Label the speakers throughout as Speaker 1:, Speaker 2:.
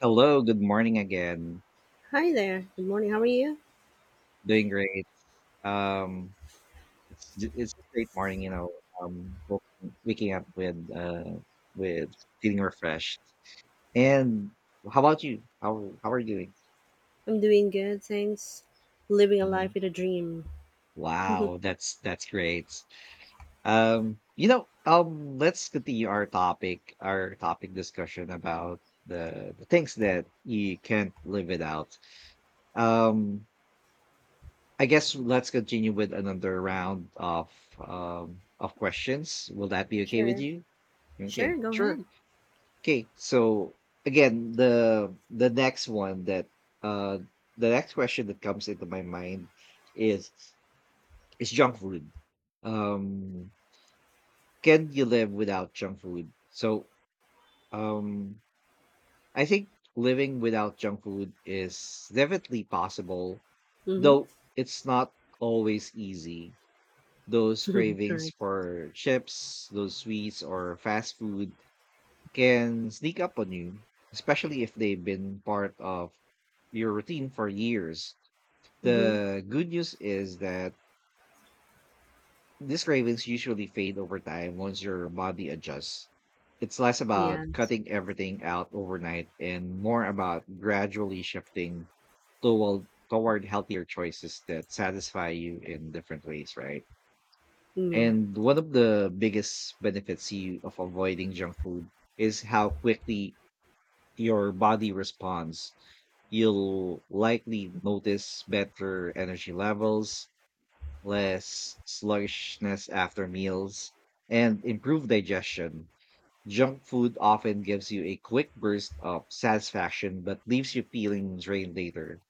Speaker 1: Hello, good morning again.
Speaker 2: Hi there. Good morning. How are you?
Speaker 1: Doing great. Um, it's a great morning. Um, woke- waking up with feeling refreshed. And how about you? How are you doing?
Speaker 2: I'm doing good, thanks. Living a
Speaker 1: Mhm.
Speaker 2: life with a dream.
Speaker 1: Wow, that's great. Let's continue our topic, discussion about the things that you can't live without. Um, I guess let's continue with another round of questions. Will that be okay with
Speaker 2: Sure.
Speaker 1: you?
Speaker 2: Sure,
Speaker 1: Okay.
Speaker 2: go
Speaker 1: Sure.
Speaker 2: ahead.
Speaker 1: Okay. So again, uh the next question that comes into my mind is is junk food. Um can you live without junk food? So um I think living without junk food is definitely possible,
Speaker 2: Mm-hmm.
Speaker 1: though it's not always easy. Those cravings
Speaker 2: Correct.
Speaker 1: for chips, those sweets, or fast food can sneak up on you, especially if they've been part of your routine for years. The
Speaker 2: Mm-hmm.
Speaker 1: good news is that these cravings usually fade over time once your body adjusts. It's less
Speaker 2: Yeah.
Speaker 1: about cutting everything out overnight and more about gradually shifting toward healthier choices that satisfy you in different ways, right?
Speaker 2: Yeah.
Speaker 1: And one of the biggest benefits you of avoiding junk food is how quickly your body responds. You'll likely notice better energy levels, less sluggishness after meals, and improved digestion. Junk food often gives you a quick burst of satisfaction but leaves you feeling drained later.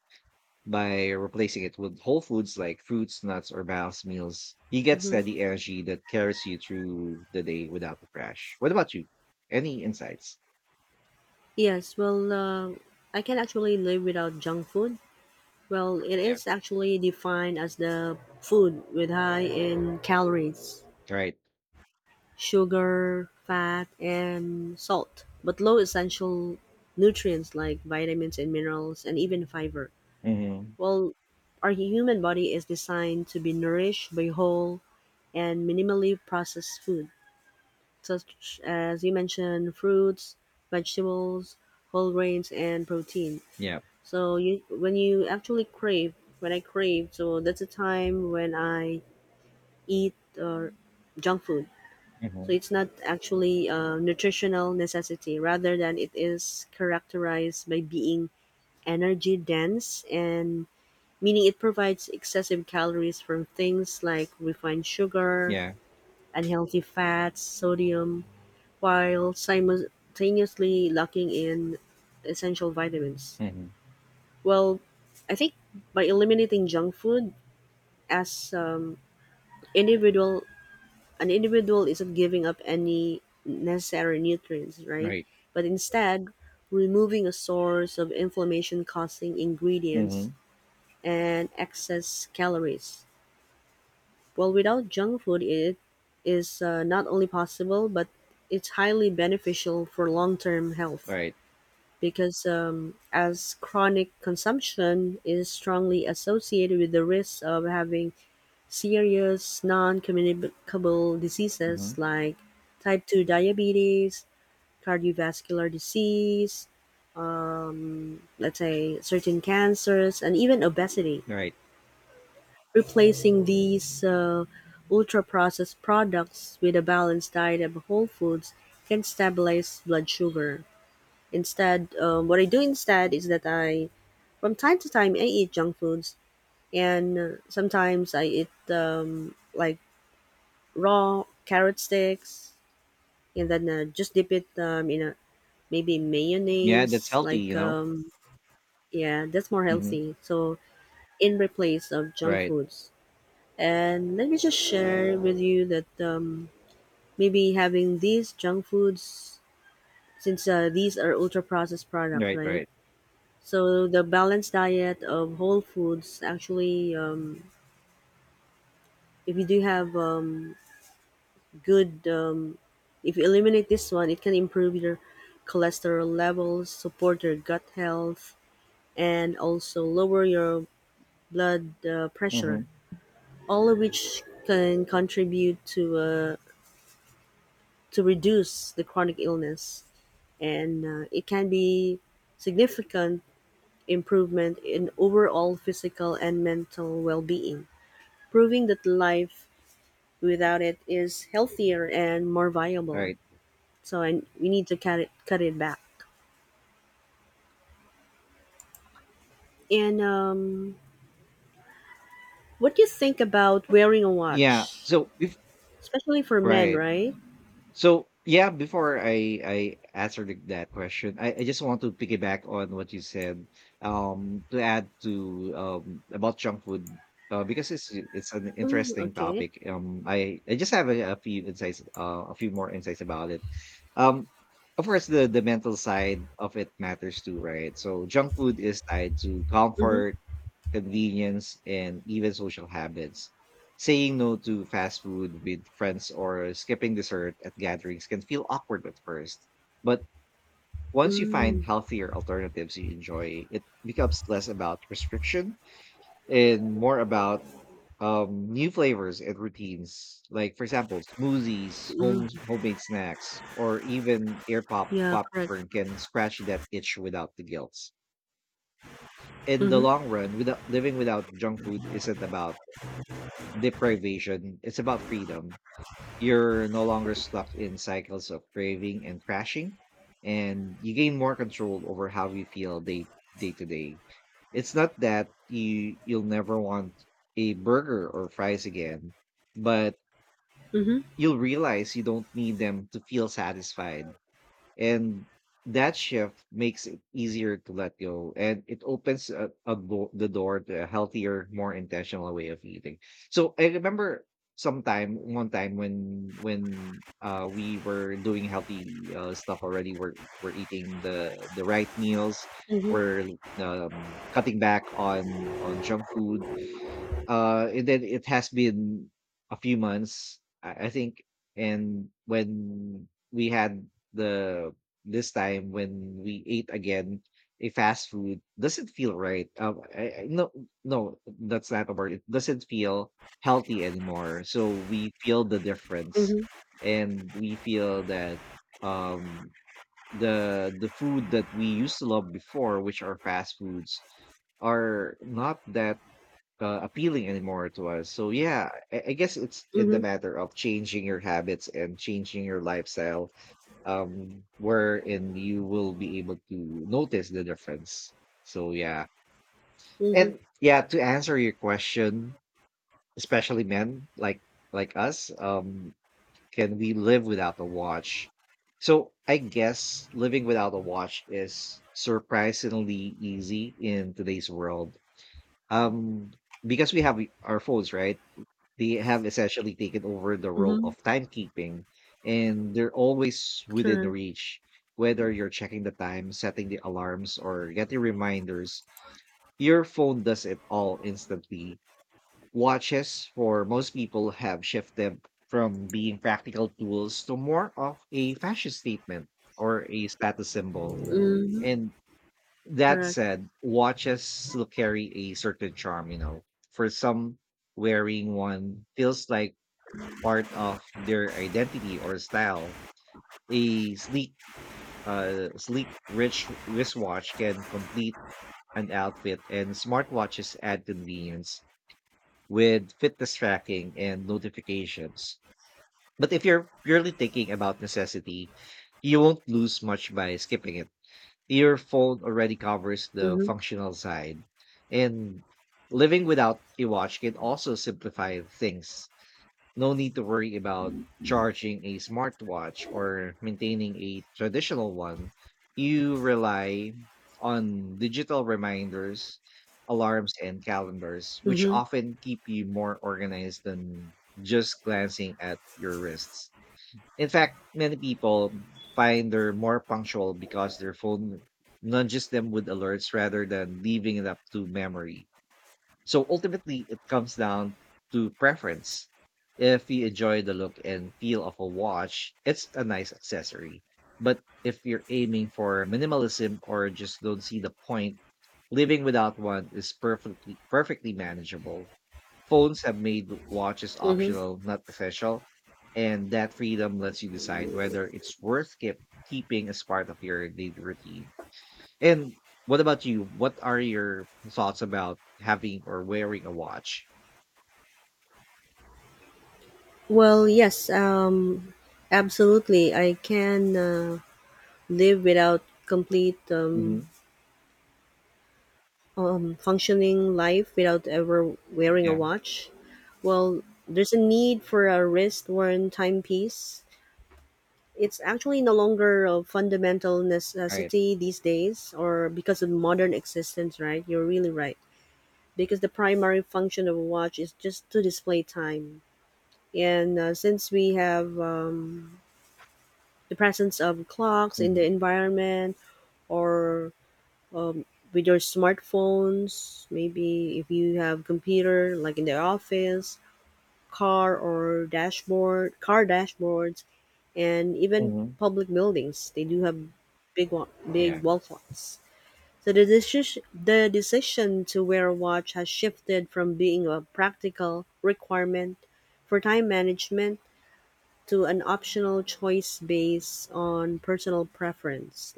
Speaker 1: By replacing it with whole foods like fruits, nuts, or balanced meals, you get
Speaker 2: Mm-hmm.
Speaker 1: steady energy that carries you through the day without a crash. What about you? Any insights?
Speaker 2: Yes, well, I can actually live without junk food. Well, it
Speaker 1: Yeah.
Speaker 2: is actually defined as the food with high in calories,
Speaker 1: Right.
Speaker 2: sugar, fat, and salt, but low essential nutrients like vitamins and minerals and even fiber.
Speaker 1: Mm-hmm.
Speaker 2: Well, our human body is designed to be nourished by whole and minimally processed food, such as you mentioned, fruits, vegetables, whole grains, and protein.
Speaker 1: Yeah.
Speaker 2: So you, when you actually crave, when I crave, so that's a time when I eat or junk food. So
Speaker 1: Mm-hmm.
Speaker 2: it's not actually a nutritional necessity, rather than it is characterized by being energy dense and meaning it provides excessive calories from things like refined sugar,
Speaker 1: Yeah.
Speaker 2: unhealthy fats, sodium, while simultaneously lacking in essential vitamins.
Speaker 1: Mm-hmm.
Speaker 2: Well, I think by eliminating junk food as individual, an individual isn't giving up any necessary nutrients, right?
Speaker 1: Right.
Speaker 2: But instead, removing a source of inflammation causing ingredients
Speaker 1: Mm-hmm.
Speaker 2: and excess calories. Well, without junk food, it is not only possible, but it's highly beneficial for long term health
Speaker 1: Right.
Speaker 2: because as chronic consumption is strongly associated with the risk of having serious non communicable
Speaker 1: Mm-hmm.
Speaker 2: diseases like type 2 diabetes, cardiovascular disease, let's say certain cancers, and even obesity.
Speaker 1: Right.
Speaker 2: Replacing these ultra-processed products with a balanced diet of whole foods can stabilize blood sugar. Instead, what I do instead is that I, from time to time, I eat junk foods, and sometimes I eat like raw carrot sticks, and then just dip it in a maybe
Speaker 1: Yeah, that's
Speaker 2: mayonnaise.
Speaker 1: healthy,
Speaker 2: Like
Speaker 1: you know?
Speaker 2: yeah, that's more
Speaker 1: Mm-hmm.
Speaker 2: healthy. So in replace of junk
Speaker 1: Right.
Speaker 2: foods. And let me just share with you that maybe having these junk foods, since these are ultra processed products,
Speaker 1: Right.
Speaker 2: right?
Speaker 1: Right.
Speaker 2: So the balanced diet of whole foods actually, if you do have good, if you eliminate this one, it can improve your cholesterol levels, support your gut health, and also lower your blood
Speaker 1: Mm-hmm.
Speaker 2: pressure. All of which can contribute to a to reduce the chronic illness, and it can be significant improvement in overall physical and mental well-being, proving that life without it is healthier and more viable.
Speaker 1: Right.
Speaker 2: So, and we need to cut it back. And what do you think about wearing a
Speaker 1: Yeah.
Speaker 2: watch,
Speaker 1: So if
Speaker 2: especially for men,
Speaker 1: Right.
Speaker 2: right?
Speaker 1: So yeah, before I answer that question, I just want to piggyback on what you said. To add to about junk food, because it's an
Speaker 2: Mm,
Speaker 1: interesting
Speaker 2: okay.
Speaker 1: topic. I just have a few more insights about it. Um, of course, the mental side of it matters too, right? So junk food is tied to
Speaker 2: Mm-hmm.
Speaker 1: comfort, convenience, and even social habits. Saying no to fast food with friends or skipping dessert at gatherings can feel awkward at first. But once you find
Speaker 2: Mm,
Speaker 1: healthier alternatives you enjoy, it becomes less about restriction and more about new flavors and routines. Like, for example, smoothies,
Speaker 2: mm,
Speaker 1: homemade snacks, or even air
Speaker 2: yeah, correct.
Speaker 1: popcorn can scratch that itch without the guilt in the
Speaker 2: Mm-hmm.
Speaker 1: long run. Without living without junk food isn't about deprivation. It's about freedom. You're no longer stuck in cycles of craving and crashing, and you gain more control over how you feel day to day. It's not that you'll never want a burger or fries again, but
Speaker 2: Mm-hmm.
Speaker 1: you'll realize you don't need them to feel satisfied, and that shift makes it easier to let go, and it opens the door to a healthier more intentional way of eating. So I remember sometime one time when we were doing healthy stuff already. We're we're eating the right meals.
Speaker 2: Mm-hmm.
Speaker 1: We're cutting back on junk food, and then it has been a few months, I think. And when we had the this time when we ate again a fast food, doesn't feel right. No, no, that's not a word. It doesn't feel healthy anymore. So we feel the difference,
Speaker 2: Mm-hmm.
Speaker 1: and we feel that um the food that we used to love before, which are fast foods, are not that appealing anymore to us. So yeah, I guess it's in the
Speaker 2: Mm-hmm.
Speaker 1: matter of changing your habits and changing your lifestyle, wherein you will be able to notice the difference. So yeah,
Speaker 2: Mm-hmm.
Speaker 1: and yeah, to answer your question, especially men like us, can we live without a watch? So I guess living without a watch is surprisingly easy in today's world. Um, because we have our phones, right? They have essentially taken over the role
Speaker 2: Mm-hmm.
Speaker 1: of timekeeping, and they're always within
Speaker 2: Correct.
Speaker 1: reach. Whether you're checking the time, setting the alarms, or getting reminders, your phone does it all instantly. Watches, for most people, have shifted from being practical tools to more of a fashion statement or a status symbol.
Speaker 2: Mhm.
Speaker 1: And that
Speaker 2: Correct.
Speaker 1: said, watches still carry a certain charm. For some, wearing one feels like part of their identity or style. A sleek rich wristwatch can complete an outfit, and smartwatches add convenience with fitness tracking and notifications. But if you're purely thinking about necessity, you won't lose much by skipping it. Your phone already covers the
Speaker 2: Mhm.
Speaker 1: functional side, and living without a watch can also simplify things. No need to worry about charging a smartwatch or maintaining a traditional one. You rely on digital reminders, alarms, and calendars, which
Speaker 2: Mhm.
Speaker 1: often keep you more organized than just glancing at your wrists. In fact, many people find they're more punctual because their phone nudges them with alerts rather than leaving it up to memory. So ultimately, it comes down to preference. If you enjoy the look and feel of a watch, it's a nice accessory. But if you're aiming for minimalism or just don't see the point, living without one is perfectly manageable. Phones have made watches
Speaker 2: Mhm.
Speaker 1: optional, not essential, and that freedom lets you decide whether it's worth keeping as part of your daily routine. And what about you? What are your thoughts about having or wearing a watch?
Speaker 2: Well, yes. Absolutely. I can live without complete
Speaker 1: Hmm.
Speaker 2: functioning life without ever wearing a
Speaker 1: Yeah,
Speaker 2: watch. Well, there's a need for a wrist-worn timepiece. It's actually no longer a fundamental
Speaker 1: right.
Speaker 2: necessity these days, or because of modern existence, right? You're really right. Because the primary function of a watch is just to display time and since we have the presence of clocks in
Speaker 1: Hmm.
Speaker 2: the environment or um, with your smartphones, maybe if you have computer like in the office, car dashboards, and even
Speaker 1: Hmm.
Speaker 2: public buildings, they do have big wa-
Speaker 1: Yeah,
Speaker 2: big wall clocks. So the decision to wear a watch has shifted from being a practical requirement for time management to an optional choice based on personal preference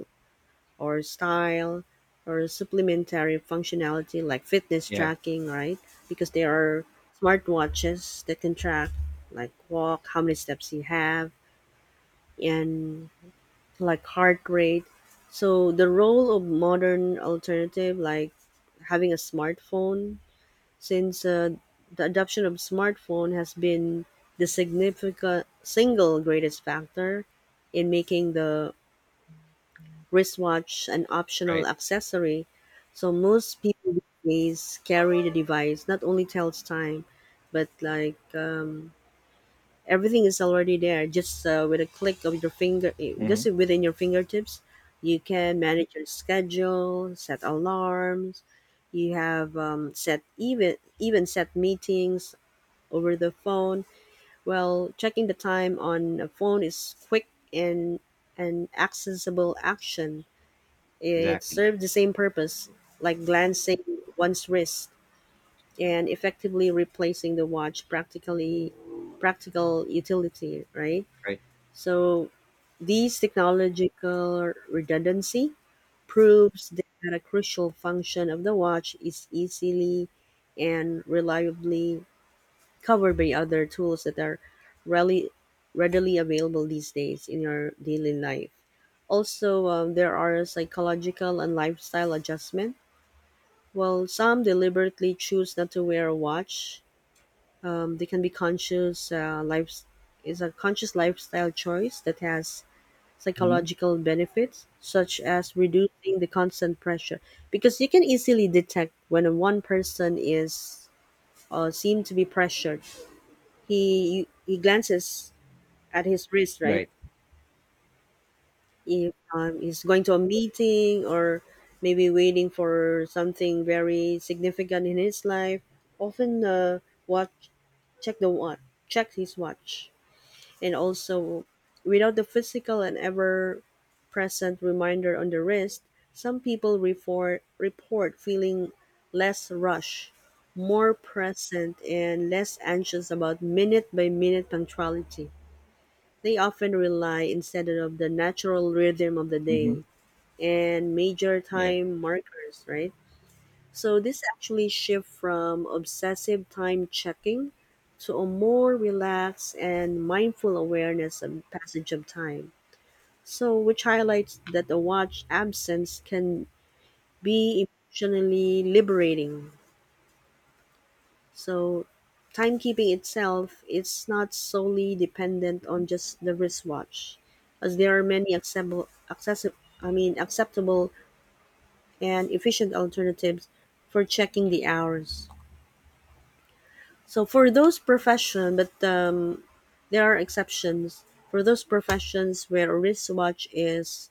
Speaker 2: or style or supplementary functionality like fitness
Speaker 1: yeah,
Speaker 2: tracking, right? Because there are smartwatches that can track like walk, how many steps you have, and like heart rate. So the role of modern alternative like having a smartphone, since the adoption of smartphone has been the significant single greatest factor in making the wristwatch an
Speaker 1: right.
Speaker 2: optional accessory. So most people these days carry the device. Not only tells time, but like everything is already there. Just with a click of your finger, just
Speaker 1: Hmm.
Speaker 2: within your fingertips, you can manage your schedule, set alarms. You have set even set meetings over the phone. Well, checking the time on a phone is quick and an accessible action. It
Speaker 1: Exactly.
Speaker 2: serves the same purpose, like glancing one's wrist and effectively replacing the watch practical utility, right?
Speaker 1: Right.
Speaker 2: So these technological redundancy proves that a crucial function of the watch is easily and reliably covered by other tools that are really readily available these days in your daily life. Also, there are psychological and lifestyle adjustment. While some deliberately choose not to wear a watch, they can be conscious. Life is a conscious lifestyle choice that has
Speaker 1: Hmm.
Speaker 2: psychological benefits, such as reducing the constant pressure, because you can easily detect when one person is seem to be pressured, he glances at his wrist, right?
Speaker 1: Right.
Speaker 2: If he's going to a meeting or maybe waiting for something very significant in his life, often watch check the watch check his watch, and also without the physical and ever present reminder on the wrist, some people report feeling less rush, more present, and less anxious about minute by minute punctuality. They often rely instead of the natural rhythm of the
Speaker 1: Hmm.
Speaker 2: day and major
Speaker 1: Yeah.
Speaker 2: time markers, right? So this actually shift from obsessive time checking to a more relaxed and mindful awareness of passage of time. So which highlights that a watch absence can be emotionally liberating. So timekeeping itself is not solely dependent
Speaker 1: Mhm.
Speaker 2: on just the wristwatch, as there are many accessible, I mean acceptable and efficient alternatives for checking the hours. So for those profession, but there are exceptions for those professions where a wristwatch is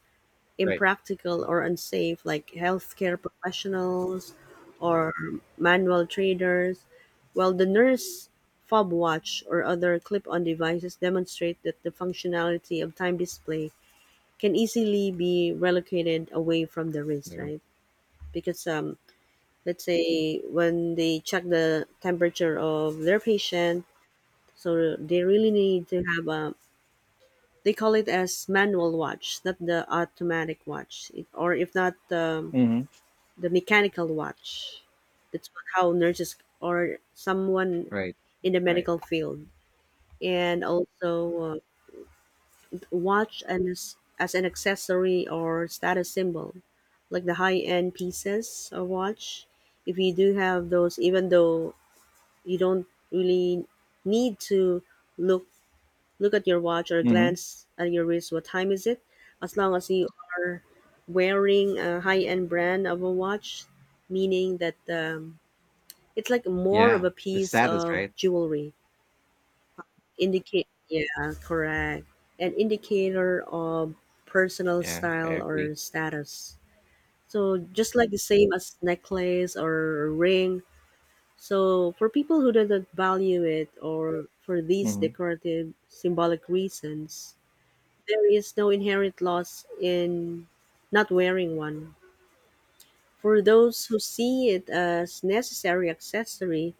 Speaker 1: Right.
Speaker 2: impractical
Speaker 1: Mm.
Speaker 2: or unsafe, like healthcare professionals or manual traders, while the nurse fob watch or other clip on devices demonstrate that the functionality of time display can easily be relocated away from the wrist,
Speaker 1: Yeah.
Speaker 2: right? Because let's say when they check the temperature of their patient, so they really need to have a they call it as manual watch, not the automatic watch, or if not
Speaker 1: Hmm.
Speaker 2: the mechanical watch. That's how nurses or someone
Speaker 1: Right.
Speaker 2: in the
Speaker 1: Right.
Speaker 2: medical field, and also watch and as an accessory or status symbol, like the high end pieces of watch. If you do have those, even though you don't really need to look look at your watch or
Speaker 1: Hmm.
Speaker 2: glance at your wrist, what time is it? As long as you are wearing a high end brand of a watch, meaning that it's like more of
Speaker 1: Yeah.
Speaker 2: a
Speaker 1: The
Speaker 2: piece
Speaker 1: status,
Speaker 2: of
Speaker 1: right?
Speaker 2: jewelry. Indicate yeah, correct. An indicator of personal
Speaker 1: Yeah, I
Speaker 2: style
Speaker 1: agree.
Speaker 2: or status. So just like the same as necklace or ring. So for people who do not value it or for these
Speaker 1: Hmm.
Speaker 2: decorative symbolic reasons, there is no inherent loss in not wearing one. For those who see it as necessary accessory,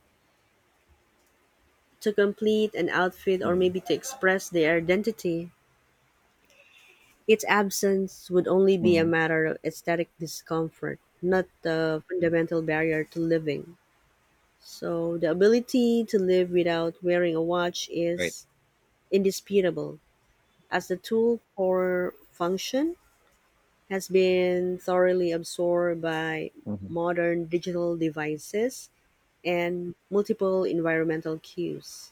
Speaker 2: to complete an outfit or
Speaker 1: Hmm.
Speaker 2: maybe to express their identity. Its absence would only be a
Speaker 1: Hmm.
Speaker 2: matter of aesthetic discomfort, not the fundamental barrier to living. So, the ability to live without wearing a watch
Speaker 1: Right.
Speaker 2: is indisputable, as the tool for function has been thoroughly absorbed by
Speaker 1: Hmm.
Speaker 2: modern digital devices and multiple environmental cues.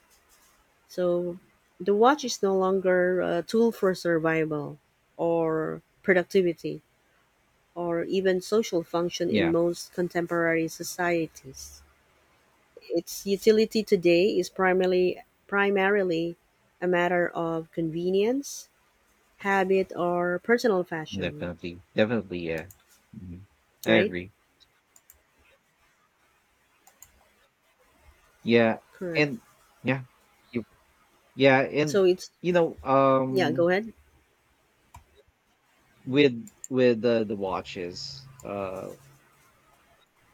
Speaker 2: So the watch is no longer a tool for survival or productivity or even social function in
Speaker 1: Yeah,
Speaker 2: most contemporary societies. Its utility today is primarily a matter of convenience, habit or personal fashion,
Speaker 1: definitely. Definitely. Yeah. Hmm. I
Speaker 2: right?
Speaker 1: agree. Yeah.
Speaker 2: Correct.
Speaker 1: And yeah. Yeah,
Speaker 2: So
Speaker 1: and
Speaker 2: it's
Speaker 1: you know,
Speaker 2: Yeah,
Speaker 1: um,
Speaker 2: go ahead.
Speaker 1: with the watches,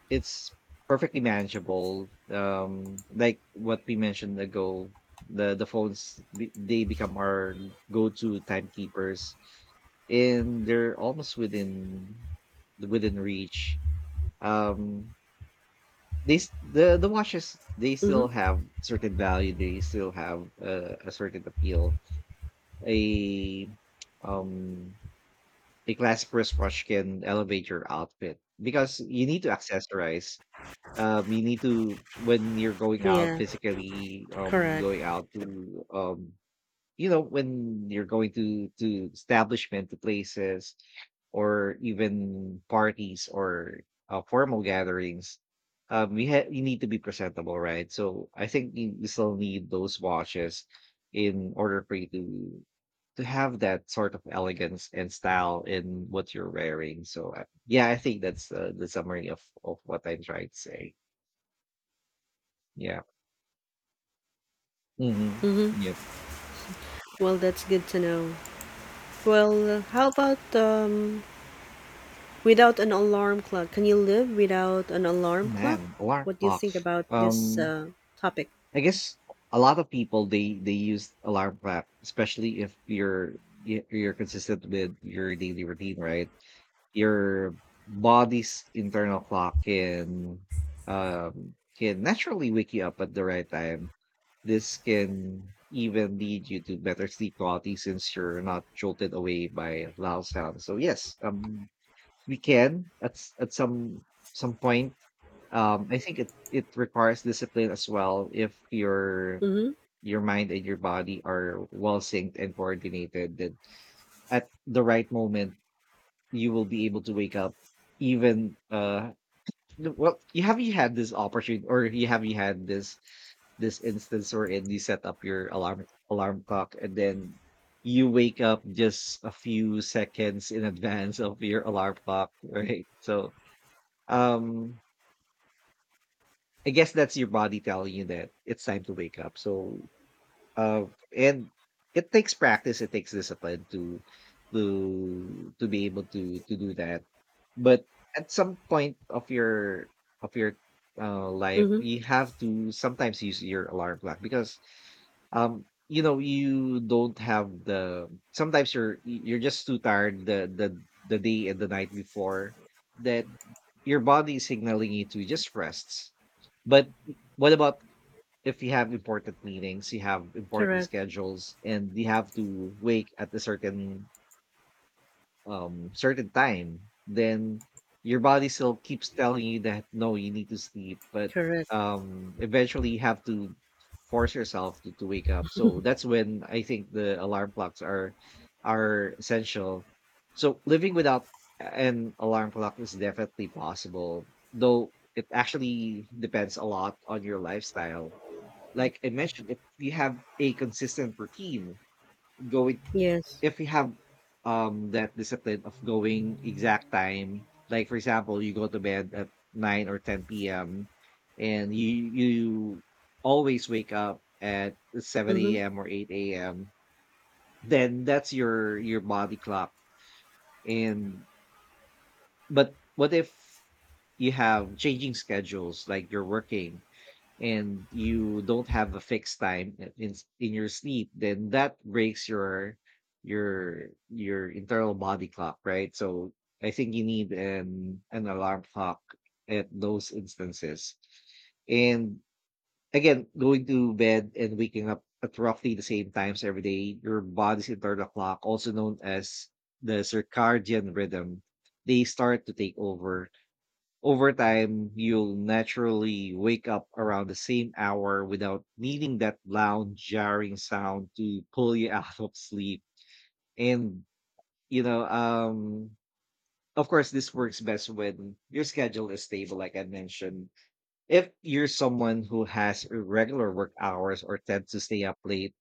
Speaker 1: it's perfectly manageable. Like what we mentioned ago, they become our go to timekeepers, and they're almost within reach. Um, the watches they still
Speaker 2: Mm-hmm.
Speaker 1: have certain value. They still have a certain appeal. A um a classic wristwatch can elevate your outfit because you need to accessorize. You need to When you're going out
Speaker 2: Yeah,
Speaker 1: physically,
Speaker 2: correct.
Speaker 1: going out to you know, when you're going to establishment, to places, or even parties or formal gatherings, you need to be presentable, right? So I think you still need those watches in order for you to have that sort of elegance and style in what you're wearing. So yeah, I think that's the summary of what I'm trying to say. Yeah. Hmm.
Speaker 2: Mm-hmm.
Speaker 1: Yep.
Speaker 2: Well, that's good to know. Well, how about without an alarm clock, can you live without an alarm clock?
Speaker 1: Man, alarm
Speaker 2: What do you
Speaker 1: clock.
Speaker 2: think about this
Speaker 1: Um,
Speaker 2: topic?
Speaker 1: I guess a lot of people they use alarm clock, especially if you're consistent with your daily routine, right? Your body's internal clock can naturally wake you up at the right time. This can even lead you to better sleep quality since you're not jolted away by loud sounds. So yes, we can at some point. I think it requires discipline as well. If your
Speaker 2: Mm-hmm.
Speaker 1: your mind and your body are well synced and coordinated, then at the right moment you will be able to wake up. Even well, you had this opportunity, or you had this instance wherein you set up your alarm clock, and then you wake up just a few seconds in advance of your alarm clock, right? So um, I guess that's your body telling you that it's time to wake up. So, uh, and it takes practice. It takes discipline to be able to do that. But at some point of your life,
Speaker 2: Mm-hmm.
Speaker 1: you have to sometimes use your alarm clock because you don't have the sometimes you're just too tired, the day and the night before, that your body is signaling you to just rest. But what about if you have important meetings, you have important
Speaker 2: Correct.
Speaker 1: schedules, and you have to wake at a certain certain time, then your body still keeps telling you that no, you need to sleep, but
Speaker 2: Correct.
Speaker 1: eventually you have to force yourself to wake up. So that's when I think the alarm clocks are essential. So living without an alarm clock is definitely possible, though it actually depends a lot on your lifestyle, like I mentioned. If you have a consistent routine going,
Speaker 2: Yes.
Speaker 1: if you have that discipline of going exact time, like for example you go to bed at 9 or 10 p.m. and you always wake up at 7
Speaker 2: Mm-hmm.
Speaker 1: a.m. or 8 a.m., then that's your body clock. And but what if you have changing schedules, like you're working and you don't have a fixed time in your sleep, then that breaks your internal body clock, right? So I think you need an alarm clock at those instances. And again, going to bed and waking up at roughly the same times every day, your body's internal clock, also known as the circadian rhythm, they start to take over. Over time, you'll naturally wake up around the same hour without needing that loud jarring sound to pull you out of sleep. And, you know, um, of course, this works best when your schedule is stable, like I mentioned. If you're someone who has irregular work hours or tends to stay up late,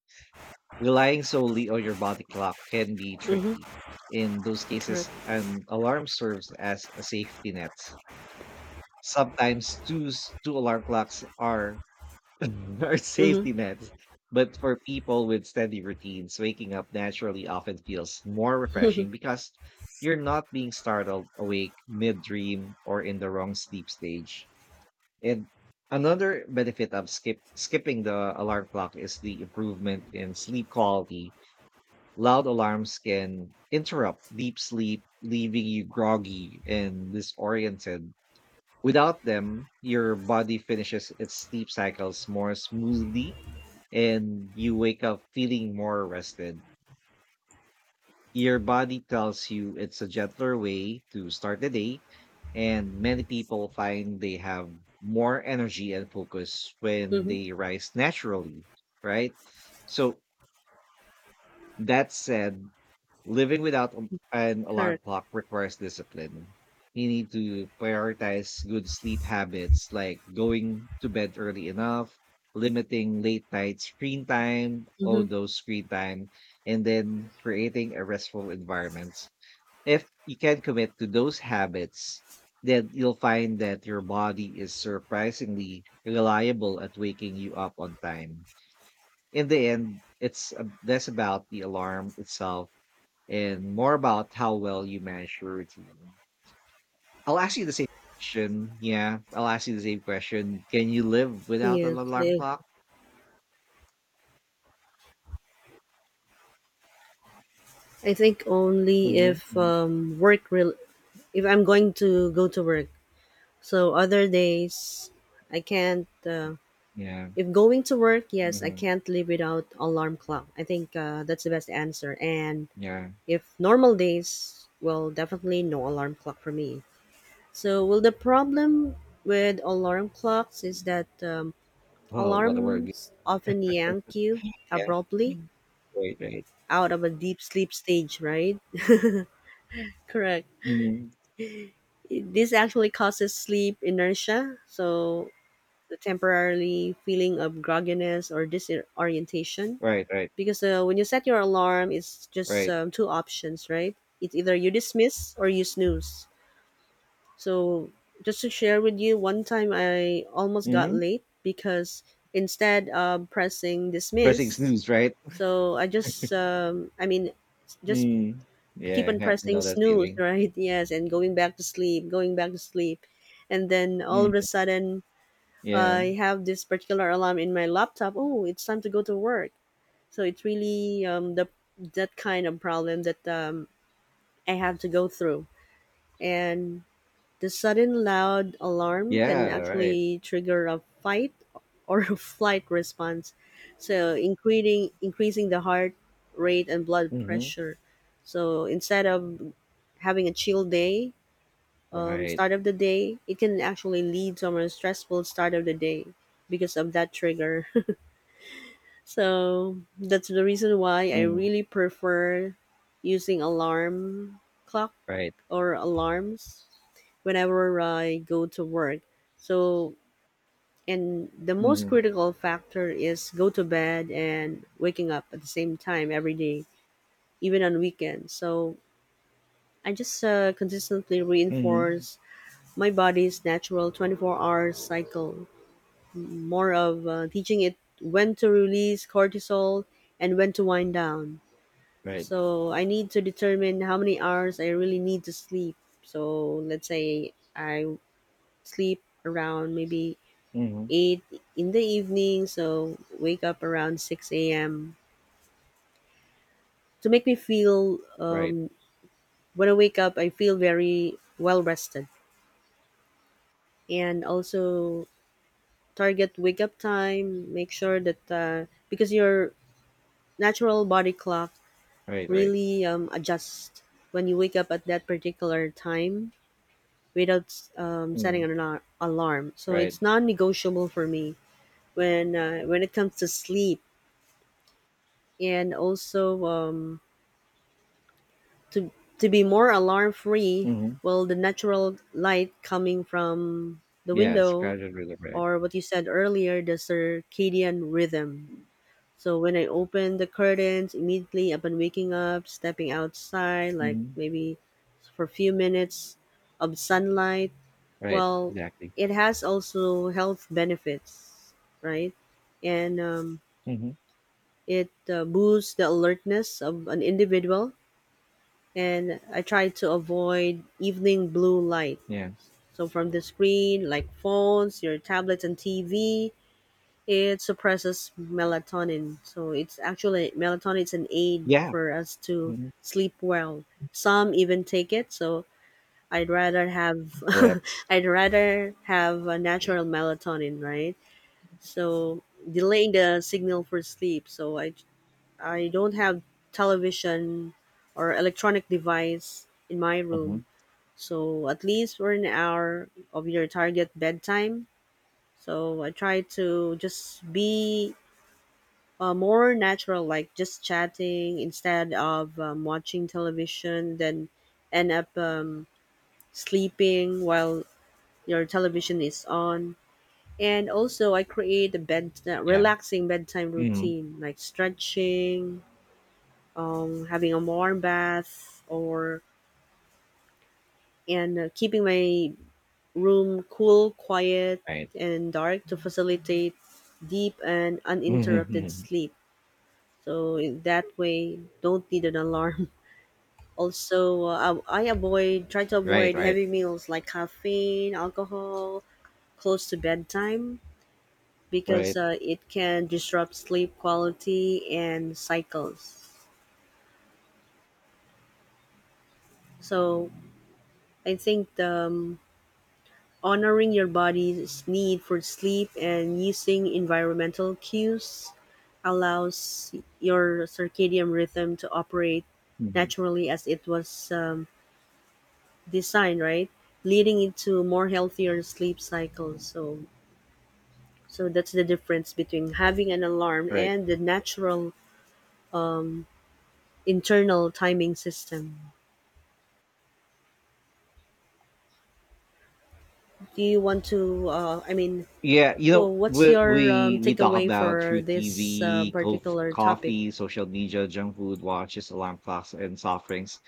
Speaker 1: relying solely on your body clock can be
Speaker 2: Mm-hmm.
Speaker 1: tricky. In those cases,
Speaker 2: Correct.
Speaker 1: an alarm serves as a safety net. Sometimes 2 alarm clocks are are
Speaker 2: Mm-hmm.
Speaker 1: safety nets, but for people with steady routines, waking up naturally often feels more refreshing because you're not being startled awake mid-dream or in the wrong sleep stage. And another benefit of skipping the alarm clock is the improvement in sleep quality. Loud alarms can interrupt deep sleep, leaving you groggy and disoriented. Without them, your body finishes its sleep cycles more smoothly and you wake up feeling more rested. Your body tells you it's a gentler way to start the day, and many people find they have more energy and focus when
Speaker 2: Mm-hmm.
Speaker 1: they rise naturally, right? So, that said, living without an alarm
Speaker 2: Correct.
Speaker 1: clock requires discipline. You need to prioritize good sleep habits like going to bed early enough, limiting late night screen time, all
Speaker 2: Mm-hmm.
Speaker 1: those screen time, and then creating a restful environment. If you can commit to those habits, then you'll find that your body is surprisingly reliable at waking you up on time. In the end, it's less about the alarm itself and more about how well you manage your routine. I'll ask you the same question. Yeah, I'll ask you the same question. Can you live without an
Speaker 2: Yes.
Speaker 1: alarm
Speaker 2: I,
Speaker 1: clock?
Speaker 2: I think only if
Speaker 1: Hmm.
Speaker 2: work real if I'm going to go to work. So other days, I can't.
Speaker 1: Yeah.
Speaker 2: If going to work, yes, I
Speaker 1: Hmm.
Speaker 2: can't live without alarm clock. I think that's the best answer. And
Speaker 1: Yeah.
Speaker 2: if normal days, well, definitely no alarm clock for me. So, well, the problem with alarm clocks is that
Speaker 1: Oh, what a word.
Speaker 2: alarms often yank you
Speaker 1: Yeah.
Speaker 2: abruptly
Speaker 1: Mm. Right. Right.
Speaker 2: out of a deep sleep stage, right? Correct.
Speaker 1: Hmm.
Speaker 2: This actually causes sleep inertia, so the temporarily feeling of grogginess or disorientation.
Speaker 1: Right. Right.
Speaker 2: Because when you set your alarm, it's just
Speaker 1: Right.
Speaker 2: two options, right? It's either you dismiss or you snooze. So, just to share with you, one time I almost got
Speaker 1: Hmm.
Speaker 2: late because instead of pressing
Speaker 1: Pressing
Speaker 2: dismiss,
Speaker 1: snooze. Right.
Speaker 2: so I just, I mean, just
Speaker 1: Mm.
Speaker 2: keep
Speaker 1: Yeah.
Speaker 2: on
Speaker 1: I
Speaker 2: pressing
Speaker 1: know that
Speaker 2: snooze,
Speaker 1: feeling.
Speaker 2: right? Yes, and going back to sleep, going back to sleep. And then all of a
Speaker 1: Mm.
Speaker 2: sudden,
Speaker 1: Yeah.
Speaker 2: I have this particular alarm in my laptop. Oh, it's time to go to work. So it's really the that kind of problem that I have to go through. And the sudden loud alarm can
Speaker 1: Yeah. Right.
Speaker 2: actually trigger a fight or a flight response. So increasing the heart rate and blood
Speaker 1: Hmm.
Speaker 2: pressure. So instead of having a chill day,
Speaker 1: Right.
Speaker 2: start of the day, it can actually lead to a more stressful start of the day because of that trigger. So that's the reason why I really prefer using alarm clock
Speaker 1: Right.
Speaker 2: or alarms whenever I go to work. So, and the most
Speaker 1: Mhm.
Speaker 2: critical factor is go to bed and waking up at the same time every day, even on weekends. So I just consistently
Speaker 1: Mhm.
Speaker 2: reinforce my body's natural 24-hour cycle, more of teaching it when to release cortisol and when to wind down.
Speaker 1: Right.
Speaker 2: So I need to determine how many hours I really need to sleep. So let's say I sleep around maybe
Speaker 1: Mhm.
Speaker 2: 8 in the evening, so wake up around 6 a.m. to make me feel.
Speaker 1: Right.
Speaker 2: When I wake up, I feel very well rested, and also target wake up time. Make sure that because your natural body clock
Speaker 1: Right, right.
Speaker 2: really adjusts when you wake up at that particular time without setting
Speaker 1: Mm.
Speaker 2: an alarm. So
Speaker 1: Right.
Speaker 2: it's non-negotiable for me when it comes to sleep, and also to to be more alarm free.
Speaker 1: Mhm.
Speaker 2: Well, the natural light coming from the
Speaker 1: Yeah, it's
Speaker 2: window,
Speaker 1: crowded really right.
Speaker 2: or what you said earlier, the circadian rhythm. So when I open the curtains immediately upon waking up, stepping outside like
Speaker 1: Mhm.
Speaker 2: maybe for a few minutes of sunlight,
Speaker 1: Right,
Speaker 2: well,
Speaker 1: exactly.
Speaker 2: it has also health benefits, right? And
Speaker 1: Mhm.
Speaker 2: it boosts the alertness of an individual, and I try to avoid evening blue light.
Speaker 1: Yeah.
Speaker 2: So from the screen, like phones, your tablets, and TV, it suppresses melatonin. So it's actually melatonin is an aid
Speaker 1: Yeah.
Speaker 2: for us to
Speaker 1: Mhm.
Speaker 2: sleep well. Some even take it. So I'd rather have
Speaker 1: Correct.
Speaker 2: I'd rather have a natural melatonin, right? So delaying the signal for sleep. So I don't have television or electronic device in my room,
Speaker 1: Mhm.
Speaker 2: so at least for an hour of your target bedtime. So I try to just be more natural, like just chatting instead of watching television, then end up sleeping while your television is on. And also, I create a
Speaker 1: Yeah.
Speaker 2: relaxing bedtime
Speaker 1: Mhm.
Speaker 2: routine, like stretching, having a warm bath, or and keeping my room cool, quiet,
Speaker 1: Right.
Speaker 2: and dark to facilitate deep and
Speaker 1: Mhm,
Speaker 2: uninterrupted
Speaker 1: mhm.
Speaker 2: sleep. So in that way, don't need an alarm. Also, I avoid try to
Speaker 1: Right,
Speaker 2: avoid
Speaker 1: right,
Speaker 2: heavy meals like caffeine, alcohol close to bedtime, because
Speaker 1: right.
Speaker 2: it can disrupt sleep quality and cycles. So I think the honoring your body's need for sleep and using environmental cues allows your circadian rhythm to operate
Speaker 1: Mhm.
Speaker 2: naturally as it was designed, right? Leading into more healthier sleep cycles. So, that's the difference between having an alarm
Speaker 1: Right.
Speaker 2: and the natural um, internal timing system. Do you want to? I mean,
Speaker 1: Yeah,
Speaker 2: well, what's
Speaker 1: we
Speaker 2: your
Speaker 1: we we talk
Speaker 2: takeaway
Speaker 1: about
Speaker 2: for
Speaker 1: through
Speaker 2: this
Speaker 1: TV,
Speaker 2: particular topic?
Speaker 1: coffee, social media, junk food, watches, alarm clocks, and soft drinks.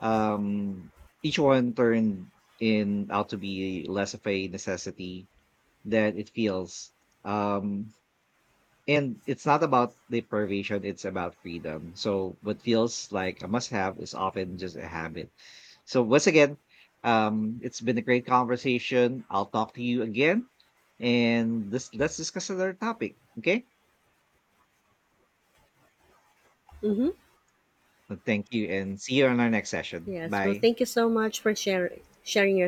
Speaker 1: um, each one turned in out to be less of a necessity than it feels. Um, and it's not about deprivation; it's about freedom. So what feels like a must-have is often just a habit. So once again, it's been a great conversation. I'll talk to you again, and this let's discuss another topic. Okay.
Speaker 2: Hmm.
Speaker 1: Well, thank you, and see you on our next session.
Speaker 2: Yes. Well,
Speaker 1: Bye.
Speaker 2: thank you so much for sharing your